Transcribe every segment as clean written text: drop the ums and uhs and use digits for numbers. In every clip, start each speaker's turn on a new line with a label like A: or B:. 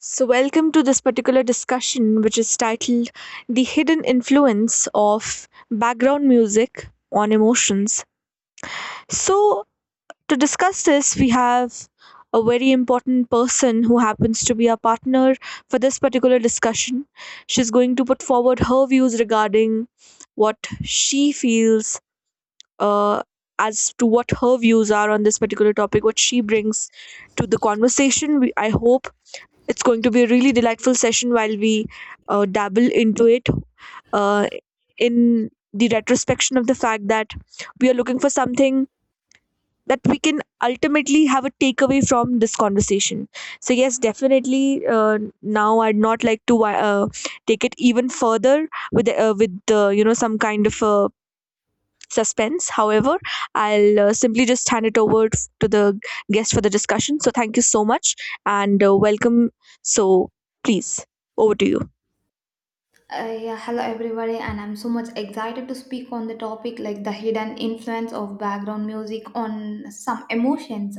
A: So, welcome to this particular discussion, which is titled The Hidden Influence of Background Music on Emotions. So, to discuss this, we have a very important person who happens to be our partner for this particular discussion. She's going to put forward her views regarding what she feels uh, as to what her views are on this particular topic, what she brings to the conversation. I hope it's going to be a really delightful session while we dabble into it uh, in the retrospection of the fact that we are looking for something that we can ultimately have a takeaway from this conversation. So, yes, definitely. Now, I'd not like to take it even further with some kind of suspense. However, I'll simply just hand it over to the guest for the discussion. So thank you so much and welcome. So please, over to you.
B: Yeah, Hello everybody, and I'm so much excited to speak on the topic like the hidden influence of background music on some emotions.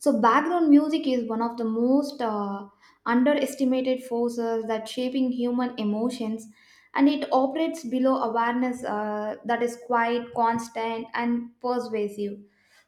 B: So background music is one of the most underestimated forces that shaping human emotions, and it operates below awareness that is quite constant and persuasive.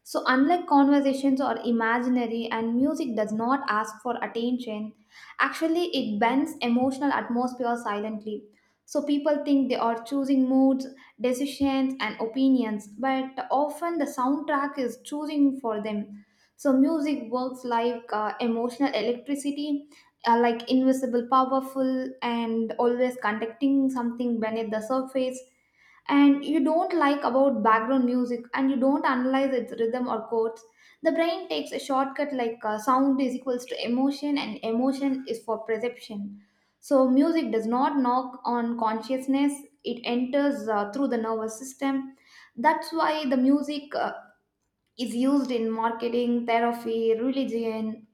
B: So unlike conversations are imaginary, and music does not ask for attention. Actually, it bends emotional atmosphere silently. So people think they are choosing moods, decisions, and opinions, but often the soundtrack is choosing for them. So music works like emotional electricity, like invisible, powerful, and always conducting something beneath the surface. And you don't like about background music, and you don't analyze its rhythm or chords. The brain takes a shortcut like sound is equals to emotion, and emotion is for perception. So music does not knock on consciousness; it enters through the nervous system. That's why the music is used in marketing, therapy, religion,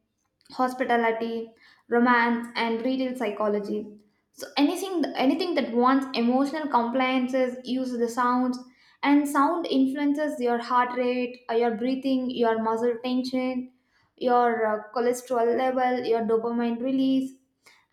B: hospitality, romance, and retail psychology. So anything that wants emotional compliances uses the sounds, and sound influences your heart rate, your breathing, your muscle tension, your cholesterol level, your dopamine release,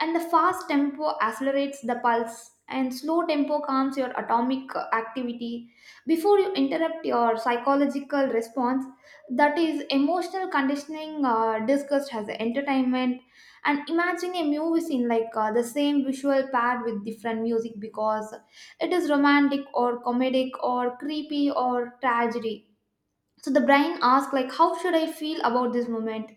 B: and the fast tempo accelerates the pulse and slow tempo calms your atomic activity before you interrupt your psychological response. That is emotional conditioning discussed as entertainment. And imagine a movie scene like the same visual paired with different music because it is romantic or comedic or creepy or tragedy. So the brain asks like how should I feel about this moment,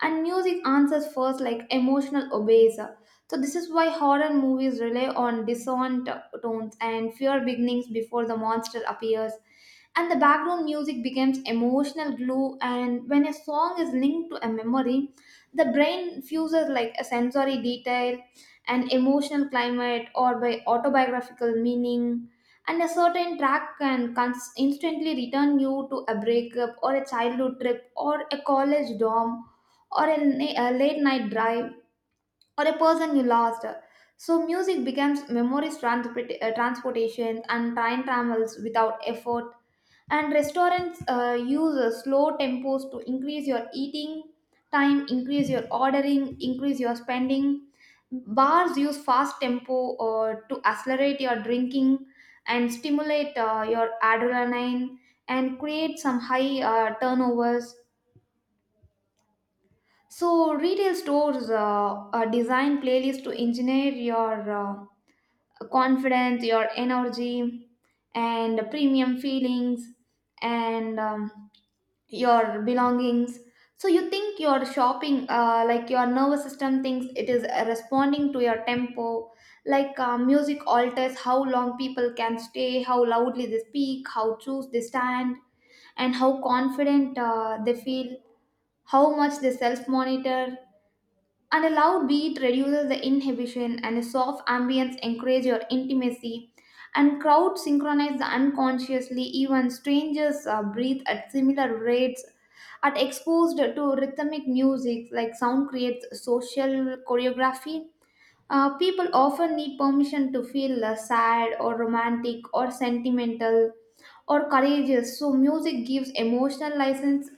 B: and music answers first like emotional obeys. So this is why horror movies rely on dissonant tones and fear beginnings before the monster appears, and the background music becomes emotional glue. And when a song is linked to a memory, the brain fuses like a sensory detail, an emotional climate, or by autobiographical meaning. And a certain track can instantly return you to a breakup or a childhood trip or a college dorm or a, a late night drive or a person you lost. So music becomes memories transportation and time travels without effort. And restaurants use slow tempos to increase your eating time, increase your ordering, increase your spending. Bars use fast tempo to accelerate your drinking and stimulate your adrenaline and create some high turnovers. So retail stores design playlists to engineer your confidence, your energy, and premium feelings, and your belongings. So you think your shopping, like your nervous system thinks it is responding to your tempo. Like music alters how long people can stay, how loudly they speak, how choose they stand, and how confident they feel, how much they self monitor, and a loud beat reduces the inhibition, and a soft ambience encourages your intimacy. And crowds synchronize the unconsciously, even strangers breathe at similar rates. At exposed to rhythmic music, like sound creates social choreography. People often need permission to feel sad or romantic or sentimental or courageous. So music gives emotional license,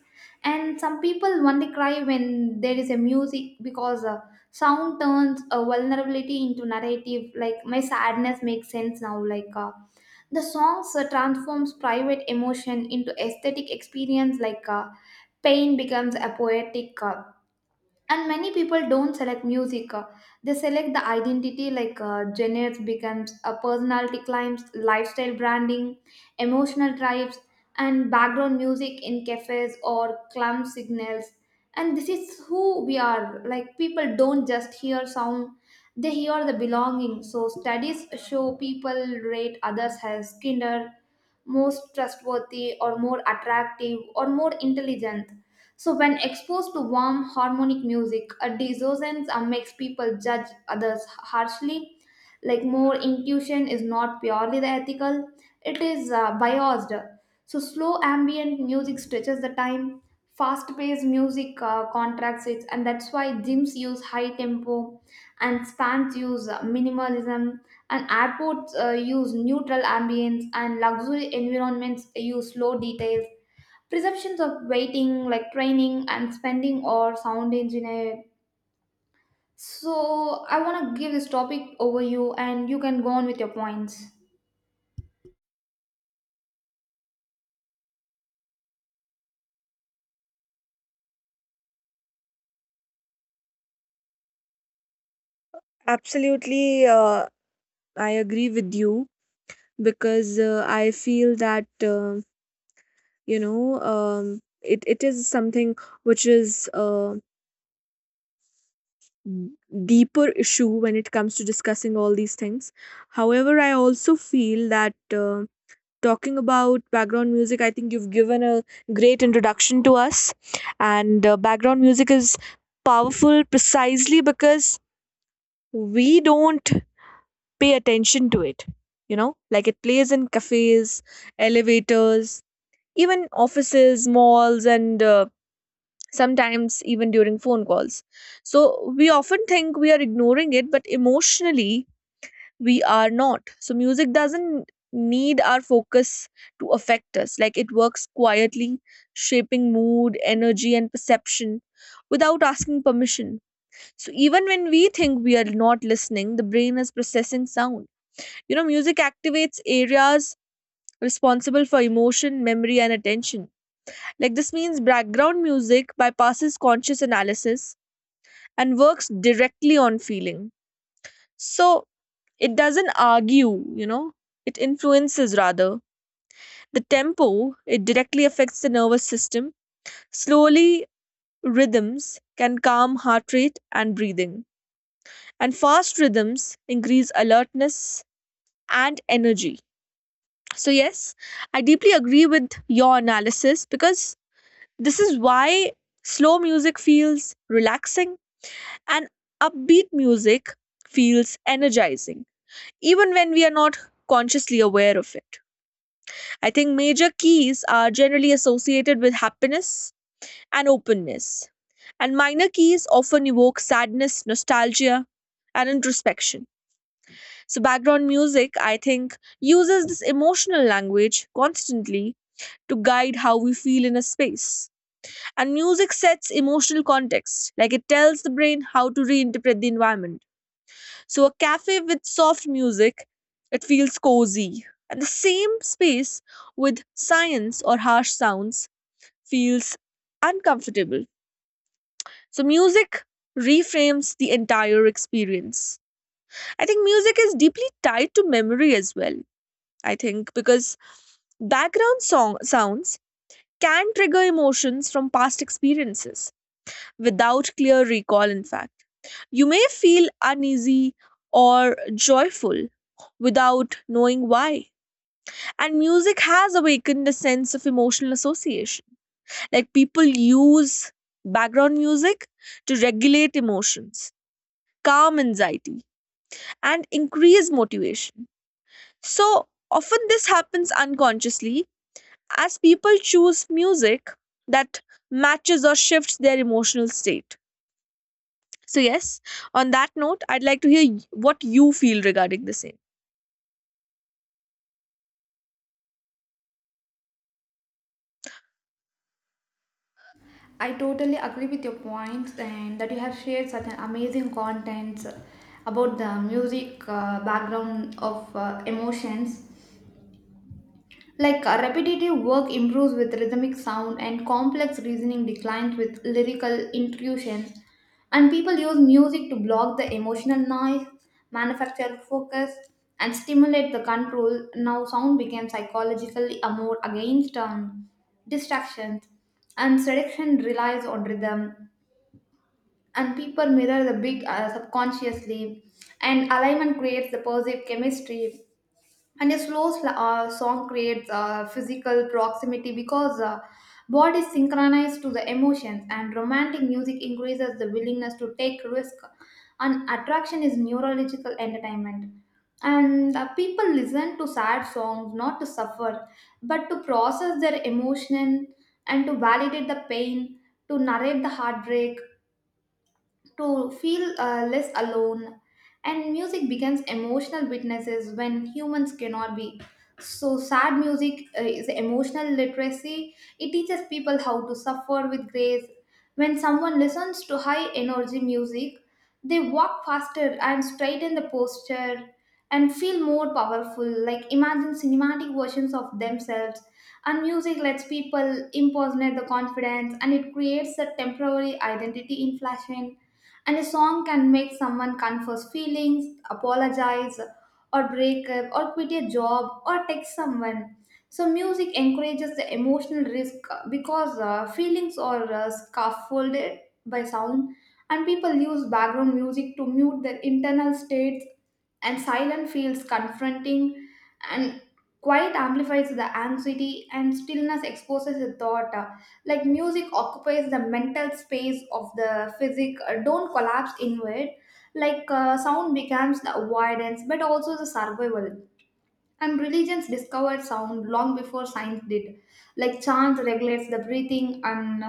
B: and some people only cry when there is a music because sound turns a vulnerability into narrative. Like my sadness makes sense now. Like the songs transforms private emotion into aesthetic experience. Like pain becomes a poetic. And many people don't select music, they select the identity like genres becomes a personality climbs lifestyle branding emotional tribes. And background music in cafes or club signals, and this is who we are. Like people don't just hear sound, they hear the belonging. So studies show people rate others as kinder, most trustworthy or more attractive or more intelligent. So, when exposed to warm, harmonic music, a dissonance makes people judge others harshly. Like, more intuition is not purely the ethical, it is biased. So, slow ambient music stretches the time, fast paced music contracts it, and that's why gyms use high tempo, and spans use minimalism, and airports use neutral ambience, and luxury environments use slow details. Perceptions of waiting, like training and spending or sound engineer. So I want to give this topic over you and you can go on with your points.
A: Absolutely, I agree with you because I feel that it is something which is m- deeper issue when it comes to discussing all these things. However, I also feel that um talking about background music, I think you've given a great introduction to us. And background music is powerful precisely because we don't pay attention to it. You know, like it plays in cafes, elevators, even offices, malls, and sometimes even during phone calls. So we often think we are ignoring it, but emotionally, we are not. So music doesn't need our focus to affect us. Like it works quietly, shaping mood, energy, and perception without asking permission. So even when we think we are not listening, the brain is processing sound. You know, music activates areas responsible for emotion, memory, and attention. Like this means background music bypasses conscious analysis and works directly on feeling. So it doesn't argue, you know, it influences rather. The tempo, it directly affects the nervous system. Slowly rhythms can calm heart rate and breathing, and fast rhythms increase alertness and energy. So, yes, I deeply agree with your analysis because this is why slow music feels relaxing and upbeat music feels energizing, even when we are not consciously aware of it. I think major keys are generally associated with happiness and openness, and minor keys often evoke sadness, nostalgia, and introspection. So, background music, I think, uses this emotional language constantly to guide how we feel in a space. And music sets emotional context, like it tells the brain how to reinterpret the environment. So, a cafe with soft music, it feels cozy. And the same space with science or harsh sounds feels uncomfortable. So, music reframes the entire experience. I think music is deeply tied to memory as well. I think because background song sounds can trigger emotions from past experiences without clear recall. In fact, you may feel uneasy or joyful without knowing why, and music has awakened a sense of emotional association. Like people use background music to regulate emotions, calm anxiety, and increase motivation. So often this happens unconsciously, as people choose music that matches or shifts their emotional state. So, yes, on that note, I'd like to hear what you feel regarding the same.
B: I totally agree with your points and that you have shared such an amazing content about the music background of emotions. Like repetitive work improves with rhythmic sound and complex reasoning declines with lyrical intuitions. And people use music to block the emotional noise, manufacture focus, and stimulate the control. Now, sound became psychologically a more against distractions, and seduction relies on rhythm. And people mirror the big subconsciously, and alignment creates the positive chemistry, and a slow song creates physical proximity because body synchronized to the emotions, and romantic music increases the willingness to take risk, and attraction is neurological entertainment. And people listen to sad songs not to suffer but to process their emotion and to validate the pain, to narrate the heartbreak, to feel less alone. And music becomes emotional witnesses when humans cannot be. So, sad music is emotional literacy. It teaches people how to suffer with grace. When someone listens to high energy music, they walk faster and straighten the posture and feel more powerful. Like, imagine cinematic versions of themselves, and music lets people impersonate the confidence, and it creates a temporary identity in fashion. And a song can make someone confess feelings, apologize, or break up, or quit a job, or text someone. So, music encourages the emotional risk because feelings are scaffolded by sound, and people use background music to mute their internal states, and silence feels confronting, and quiet amplifies the anxiety, and stillness exposes the thought. Like music occupies the mental space of the physic don't collapse inward. Like sound becomes the avoidance but also the survival. And religions discovered sound long before science did. Like chant regulates the breathing, and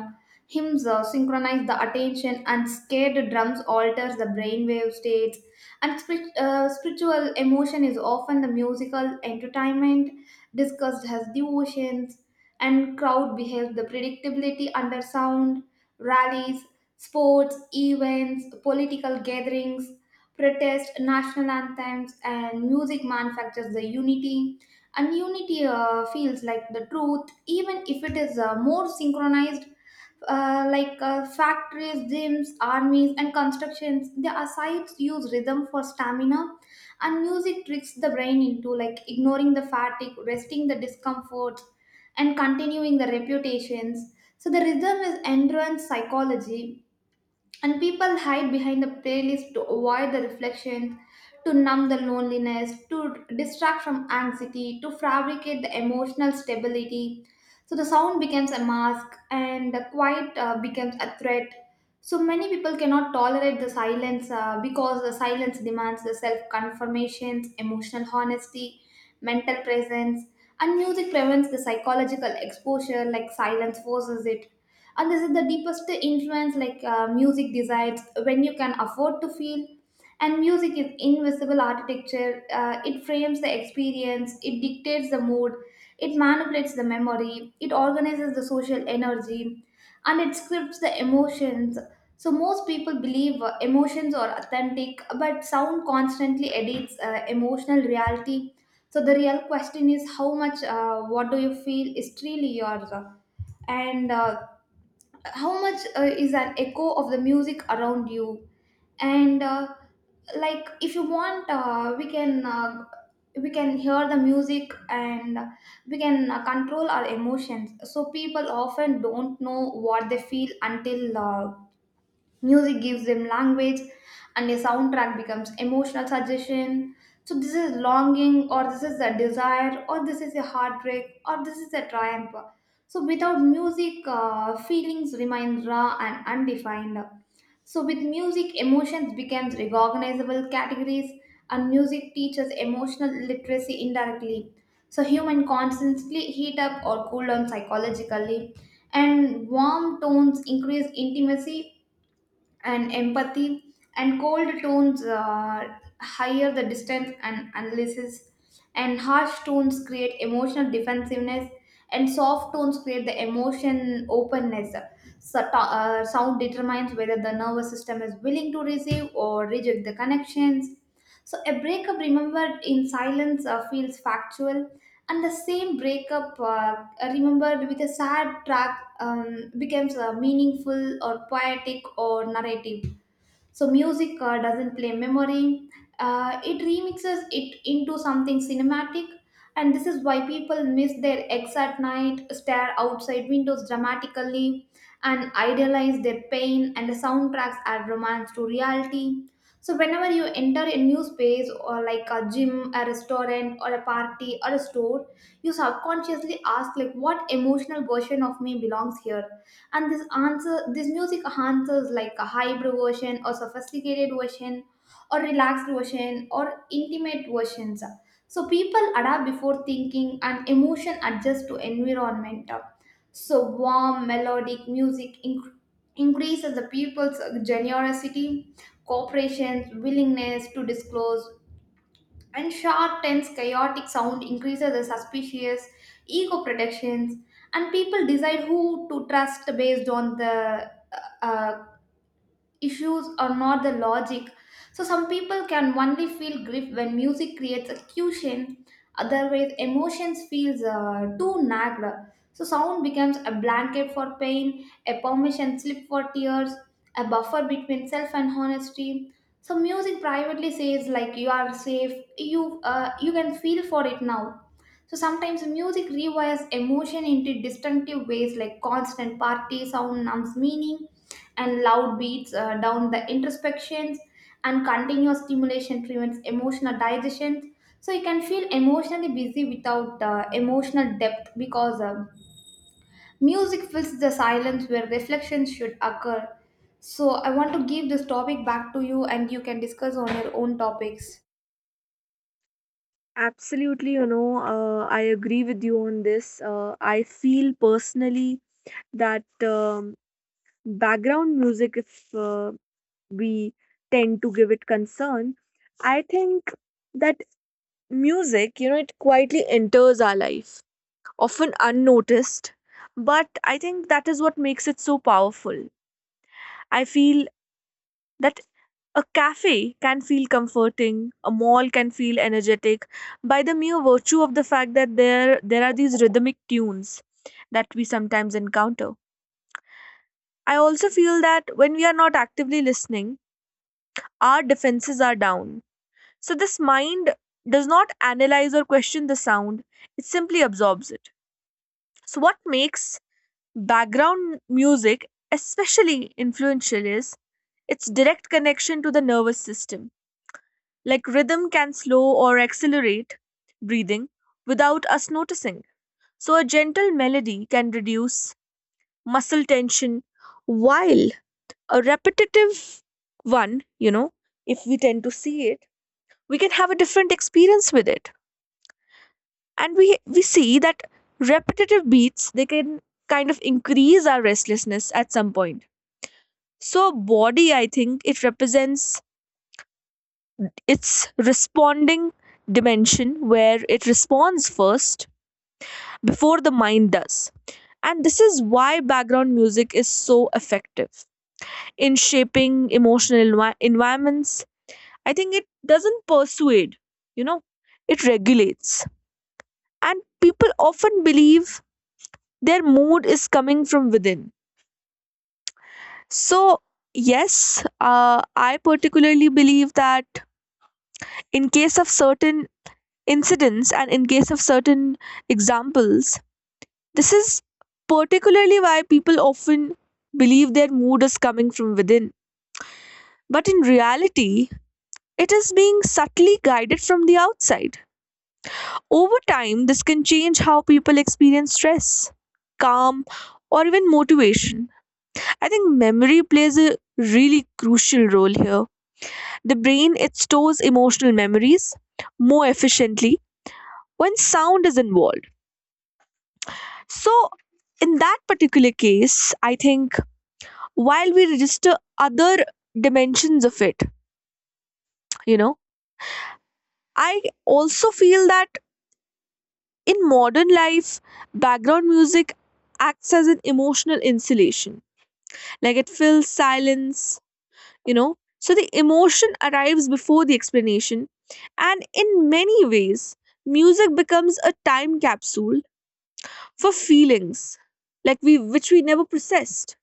B: hymns synchronize the attention, and scared drums alters the brainwave states. And spiritual emotion is often the musical entertainment discussed as devotions, and crowd behaves the predictability under sound, rallies, sports, events, political gatherings, protest, national anthems, and music manufactures the unity. And unity feels like the truth, even if it is more synchronized. Like factories, gyms, armies, and constructions, their sites use rhythm for stamina, and music tricks the brain into like ignoring the fatigue, resting the discomfort, and continuing the reputations. So the rhythm is endurance psychology, and people hide behind the playlist to avoid the reflections, to numb the loneliness, to distract from anxiety, to fabricate the emotional stability. So the sound becomes a mask, and the quiet becomes a threat. So many people cannot tolerate the silence because the silence demands the self confirmations, emotional honesty, mental presence, and music prevents the psychological exposure like silence forces it. And this is the deepest influence. Like music decides when you can afford to feel, and music is invisible architecture. It frames the experience, it dictates the mood, it manipulates the memory, it organizes the social energy, and it scripts the emotions. So most people believe emotions are authentic, but sound constantly edits emotional reality. So the real question is how much what do you feel is truly yours, and how much is an echo of the music around you. And like if you want, we can, we can hear the music, and we can control our emotions. So people often don't know what they feel until music gives them language, and a soundtrack becomes emotional suggestion. So this is longing, or this is a desire, or this is a heartbreak, or this is a triumph. So without music, feelings remain raw and undefined. So with music, emotions become recognizable categories, and music teaches emotional literacy indirectly. So human constantly heat up or cool down psychologically, and warm tones increase intimacy and empathy, and cold tones higher the distance and analysis, and harsh tones create emotional defensiveness, and soft tones create the emotion openness. So, sound determines whether the nervous system is willing to receive or reject the connections. So a breakup remembered in silence feels factual, and the same breakup remembered with a sad track becomes meaningful or poetic or narrative. So music doesn't play memory, it remixes it into something cinematic. And this is why people miss their ex at night, stare outside windows dramatically, and idealize their pain. And the soundtracks add romance to reality. So, whenever you enter a new space, or like a gym, a restaurant, or a party, or a store, you subconsciously ask, like, what emotional version of me belongs here? And this music answers like a hybrid version or sophisticated version or relaxed version or intimate versions. So people adapt before thinking, and emotion adjust to environment. So warm melodic music increases the people's generosity, cooperation, willingness to disclose. And sharp tense chaotic sound increases the suspicious ego protections, and people decide who to trust based on the uh, uh, issues or not the logic. So some people can only feel grief when music creates a cushion, otherwise emotions feels too nagged. So sound becomes a blanket for pain, a permission slip for tears, a buffer between self and honesty. So music privately says like you are safe, you you can feel for it now. So sometimes music rewires emotion into distinctive ways, like constant party sound numbs meaning, and loud beats down the introspections, and continuous stimulation prevents emotional digestion. So you can feel emotionally busy without emotional depth because music fills the silence where reflection should occur. So I want to give this topic back to you and you can discuss on your own topics.
A: Absolutely, you know, I agree with you on this. I feel personally that um, background music, if we tend to give it concern, I think that music, you know, it quietly enters our life, often unnoticed, but I think that is what makes it so powerful. I feel that a cafe can feel comforting, a mall can feel energetic, by the mere virtue of the fact that there are these rhythmic tunes that we sometimes encounter. I also feel that when we are not actively listening, our defenses are down. So this mind does not analyze or question the sound, it simply absorbs it. So, what makes background music especially influential is its direct connection to the nervous system. Like rhythm can slow or accelerate breathing without us noticing. So, a gentle melody can reduce muscle tension, while a repetitive one, you know, if we tend to see it, we can have a different experience with it. And we see that repetitive beats, they can kind of increase our restlessness at some point. So body, I think, it represents its responding dimension, where it responds first before the mind does. And this is why background music is so effective in shaping emotional environments. I think it doesn't persuade, you know, it regulates. And people often believe their mood is coming from within. So, yes, I particularly believe that in case of certain incidents and in case of certain examples, this is particularly why people often believe their mood is coming from within. But in reality, it is being subtly guided from the outside. Over time, this can change how people experience stress, calm, or even motivation. I think memory plays a really crucial role here. The brain, it stores emotional memories more efficiently when sound is involved. So in that particular case, I think, while we register other dimensions of it, you know, I also feel that in modern life, background music acts as an emotional insulation. Like it fills silence, you know. So the emotion arrives before the explanation. And in many ways, music becomes a time capsule for feelings we which we never processed.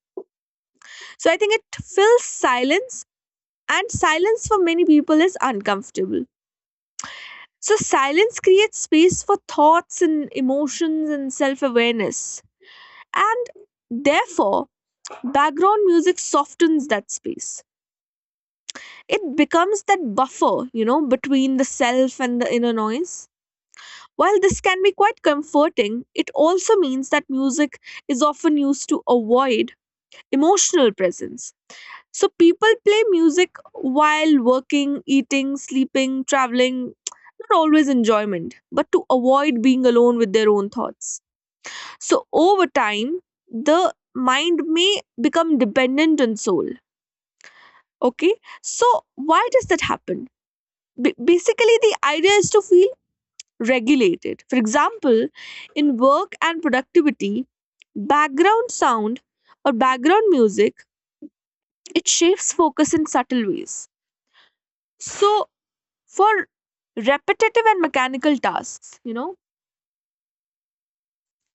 A: So I think it fills silence, and silence for many people is uncomfortable. So silence creates space for thoughts and emotions and self-awareness. And therefore background music softens that space. It becomes that buffer, you know, between the self and the inner noise. While this can be quite comforting, it also means that music is often used to avoid emotional presence. So people play music while working, eating, sleeping, traveling. Not always enjoyment, but to avoid being alone with their own thoughts. So over time, the mind may become dependent on soul. Okay, so why does that happen? Basically, the idea is to feel regulated. For example, in work and productivity, background sound or background music, it shapes focus in subtle ways. So for repetitive and mechanical tasks, you know,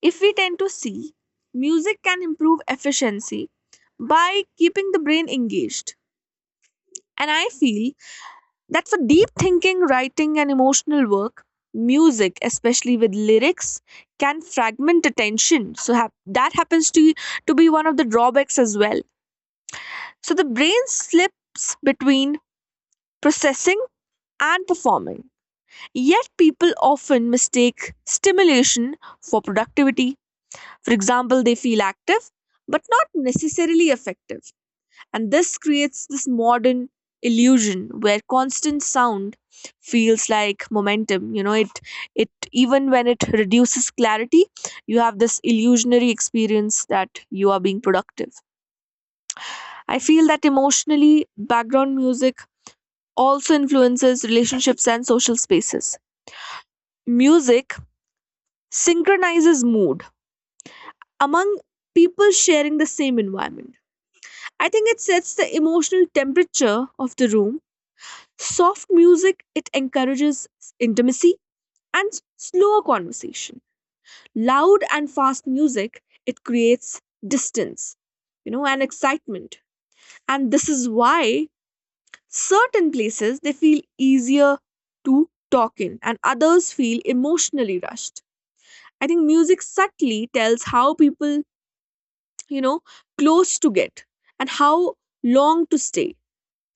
A: if we tend to see, music can improve efficiency by keeping the brain engaged. And I feel that for deep thinking, writing and emotional work, music especially with lyrics can fragment attention. So that happens to be one of the drawbacks as well. So the brain slips between processing and performing. Yet people often mistake stimulation for productivity. For example, they feel active but not necessarily effective. And this creates this modern illusion where constant sound feels like momentum. You know, it, even when it reduces clarity, you have this illusionary experience that you are being productive. I feel that emotionally background music also influences relationships and social spaces. Music synchronizes mood among people sharing the same environment. I think it sets the emotional temperature of the room. Soft music, it encourages intimacy and slower conversation. Loud and fast music, it creates distance, you know, and excitement. And this is why certain places, they feel easier to talk in, and others feel emotionally rushed. I think music subtly tells how people, you know, close to get, and how long to stay,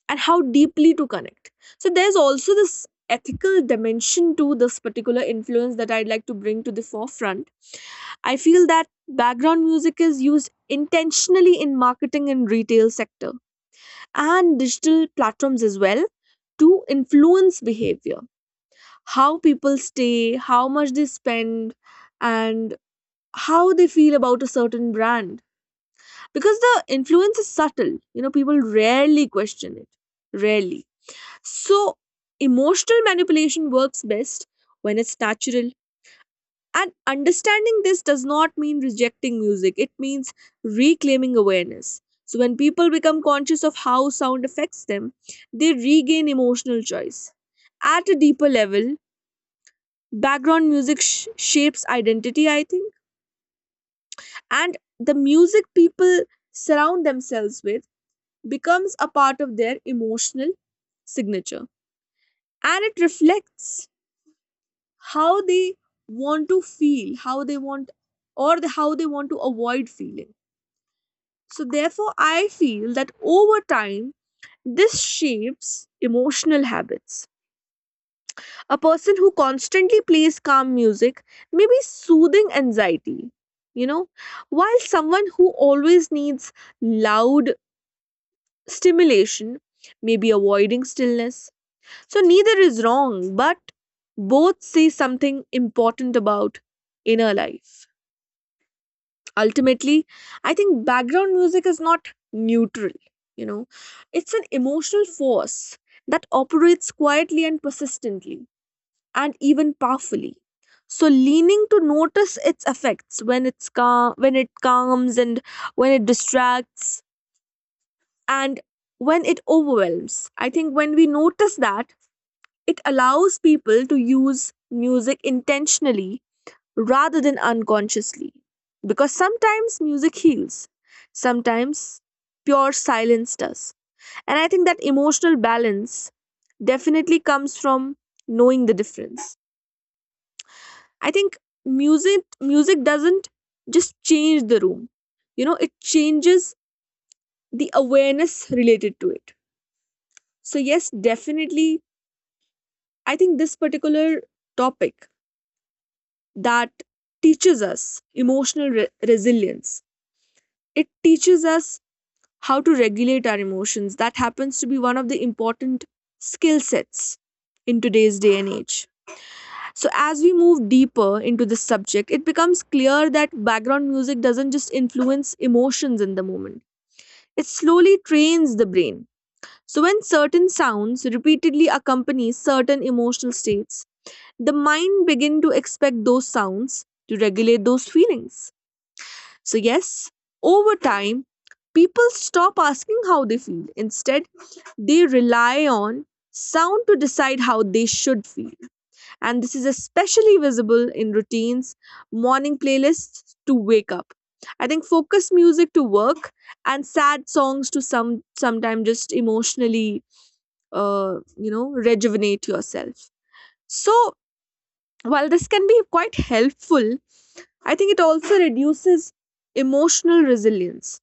A: and how deeply to connect. So there's also this ethical dimension to this particular influence that I'd like to bring to the forefront. I feel that background music is used intentionally in marketing and retail sector and digital platforms as well to influence behavior, how people stay, how much they spend, and how they feel about a certain brand. Because the influence is subtle, you know, people rarely question it, rarely. So emotional manipulation works best when it's natural. And understanding this does not mean rejecting music, it means reclaiming awareness. So when people become conscious of how sound affects them, they regain emotional choice. At a deeper level, background music shapes identity, I think. And the music people surround themselves with becomes a part of their emotional signature. And it reflects how they want to feel, how they want, or how they want to avoid feeling. So therefore I feel that over time this shapes emotional habits. A person who constantly plays calm music may be soothing anxiety, you know, while someone who always needs loud stimulation may be avoiding stillness. So neither is wrong, but both say something important about inner life. Ultimately, I think background music is not neutral, you know, it's an emotional force that operates quietly and persistently and even powerfully. So leaning to notice its effects, when it's calm, when it calms, and when it distracts, and when it overwhelms. I think when we notice that, it allows people to use music intentionally rather than unconsciously. Because sometimes music heals, sometimes pure silence does. And I think that emotional balance definitely comes from knowing the difference. I think music doesn't just change the room. You know, it changes the awareness related to it. So yes, definitely, I think this particular topic that teaches us emotional resilience. It teaches us how to regulate our emotions. That happens to be one of the important skill sets in today's day and age. So, as we move deeper into this subject, it becomes clear that background music doesn't just influence emotions in the moment, it slowly trains the brain. So, when certain sounds repeatedly accompany certain emotional states, the mind begins to expect those sounds to regulate those feelings. So, yes, over time, people stop asking how they feel. Instead, they rely on sound to decide how they should feel. And this is especially visible in routines, morning playlists to wake up. I think focus music to work and sad songs to sometimes just emotionally rejuvenate yourself. So while this can be quite helpful, I think it also reduces emotional resilience,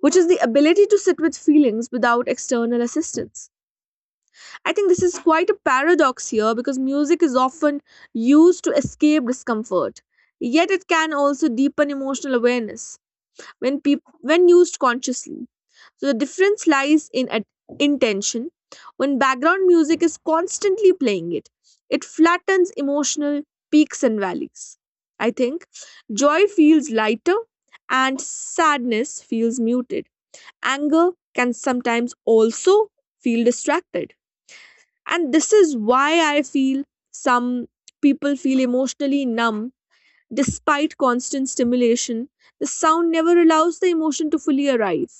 A: which is the ability to sit with feelings without external assistance. I think this is quite a paradox here because music is often used to escape discomfort. Yet it can also deepen emotional awareness when when used consciously. So the difference lies in intention. When background music is constantly playing it, it flattens emotional peaks and valleys. I think joy feels lighter and sadness feels muted, anger can sometimes also feel distracted. And this is why I feel some people feel emotionally numb despite constant stimulation. The sound never allows the emotion to fully arrive,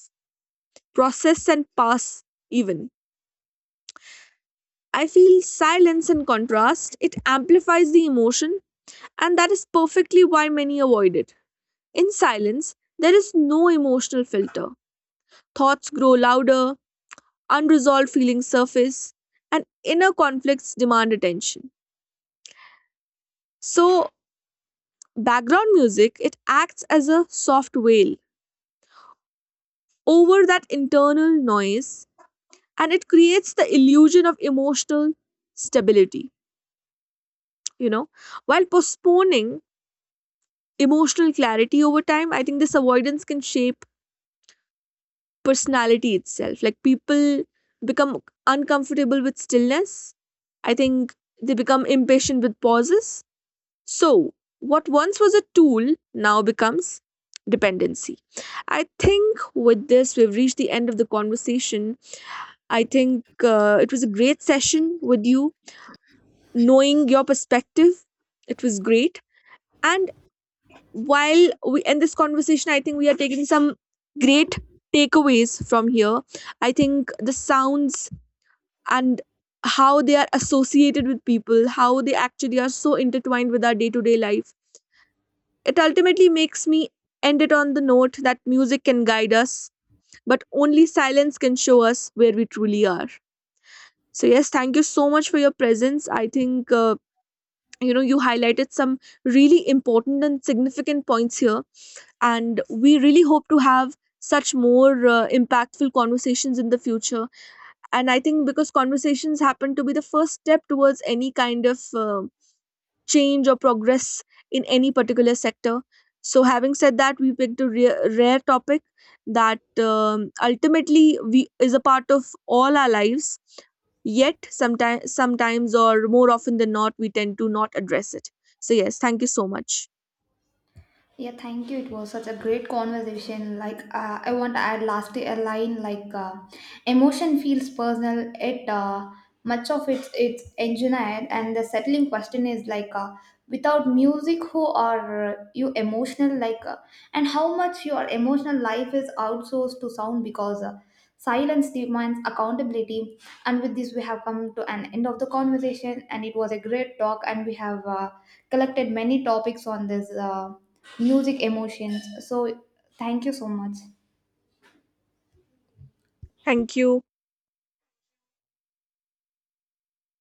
A: process, and pass even. I feel silence, in contrast, it amplifies the emotion, and that is perfectly why many avoid it. In silence, there is no emotional filter. Thoughts grow louder, unresolved feelings surface, and inner conflicts demand attention. So, background music, it acts as a soft veil over that internal noise, and it creates the illusion of emotional stability, you know, while postponing emotional clarity over time. I think this avoidance can shape personality itself. Like, people become uncomfortable with stillness. I think they become impatient with pauses. So, what once was a tool now becomes dependency. I think with this, we've reached the end of the conversation. I think it was a great session with you, knowing your perspective. It was great. And while we end this conversation, I think we are taking some great takeaways from here. I think the sounds and how they are associated with people, how they actually are so intertwined with our day to day life. It ultimately makes me end it on the note that music can guide us, but only silence can show us where we truly are. So, yes, thank you so much for your presence. I think, you highlighted some really important and significant points here. And we really hope to have such more impactful conversations in the future. And I think because conversations happen to be the first step towards any kind of. Change or progress in any particular sector. So, having said that, we picked a rare, rare topic that ultimately we is a part of all our lives. Yet, sometimes, or more often than not, we tend to not address it. So, yes, thank you so much.
B: Yeah, thank you. It was such a great conversation. Like, I want to add lastly a line like, emotion feels personal. It much of it's engineered, and the settling question is like, without music, who are you emotional? Like, and how much your emotional life is outsourced to sound because silence demands accountability. And with this, we have come to an end of the conversation, and it was a great talk. And we have collected many topics on this music emotions. So, thank you so much.
A: Thank you.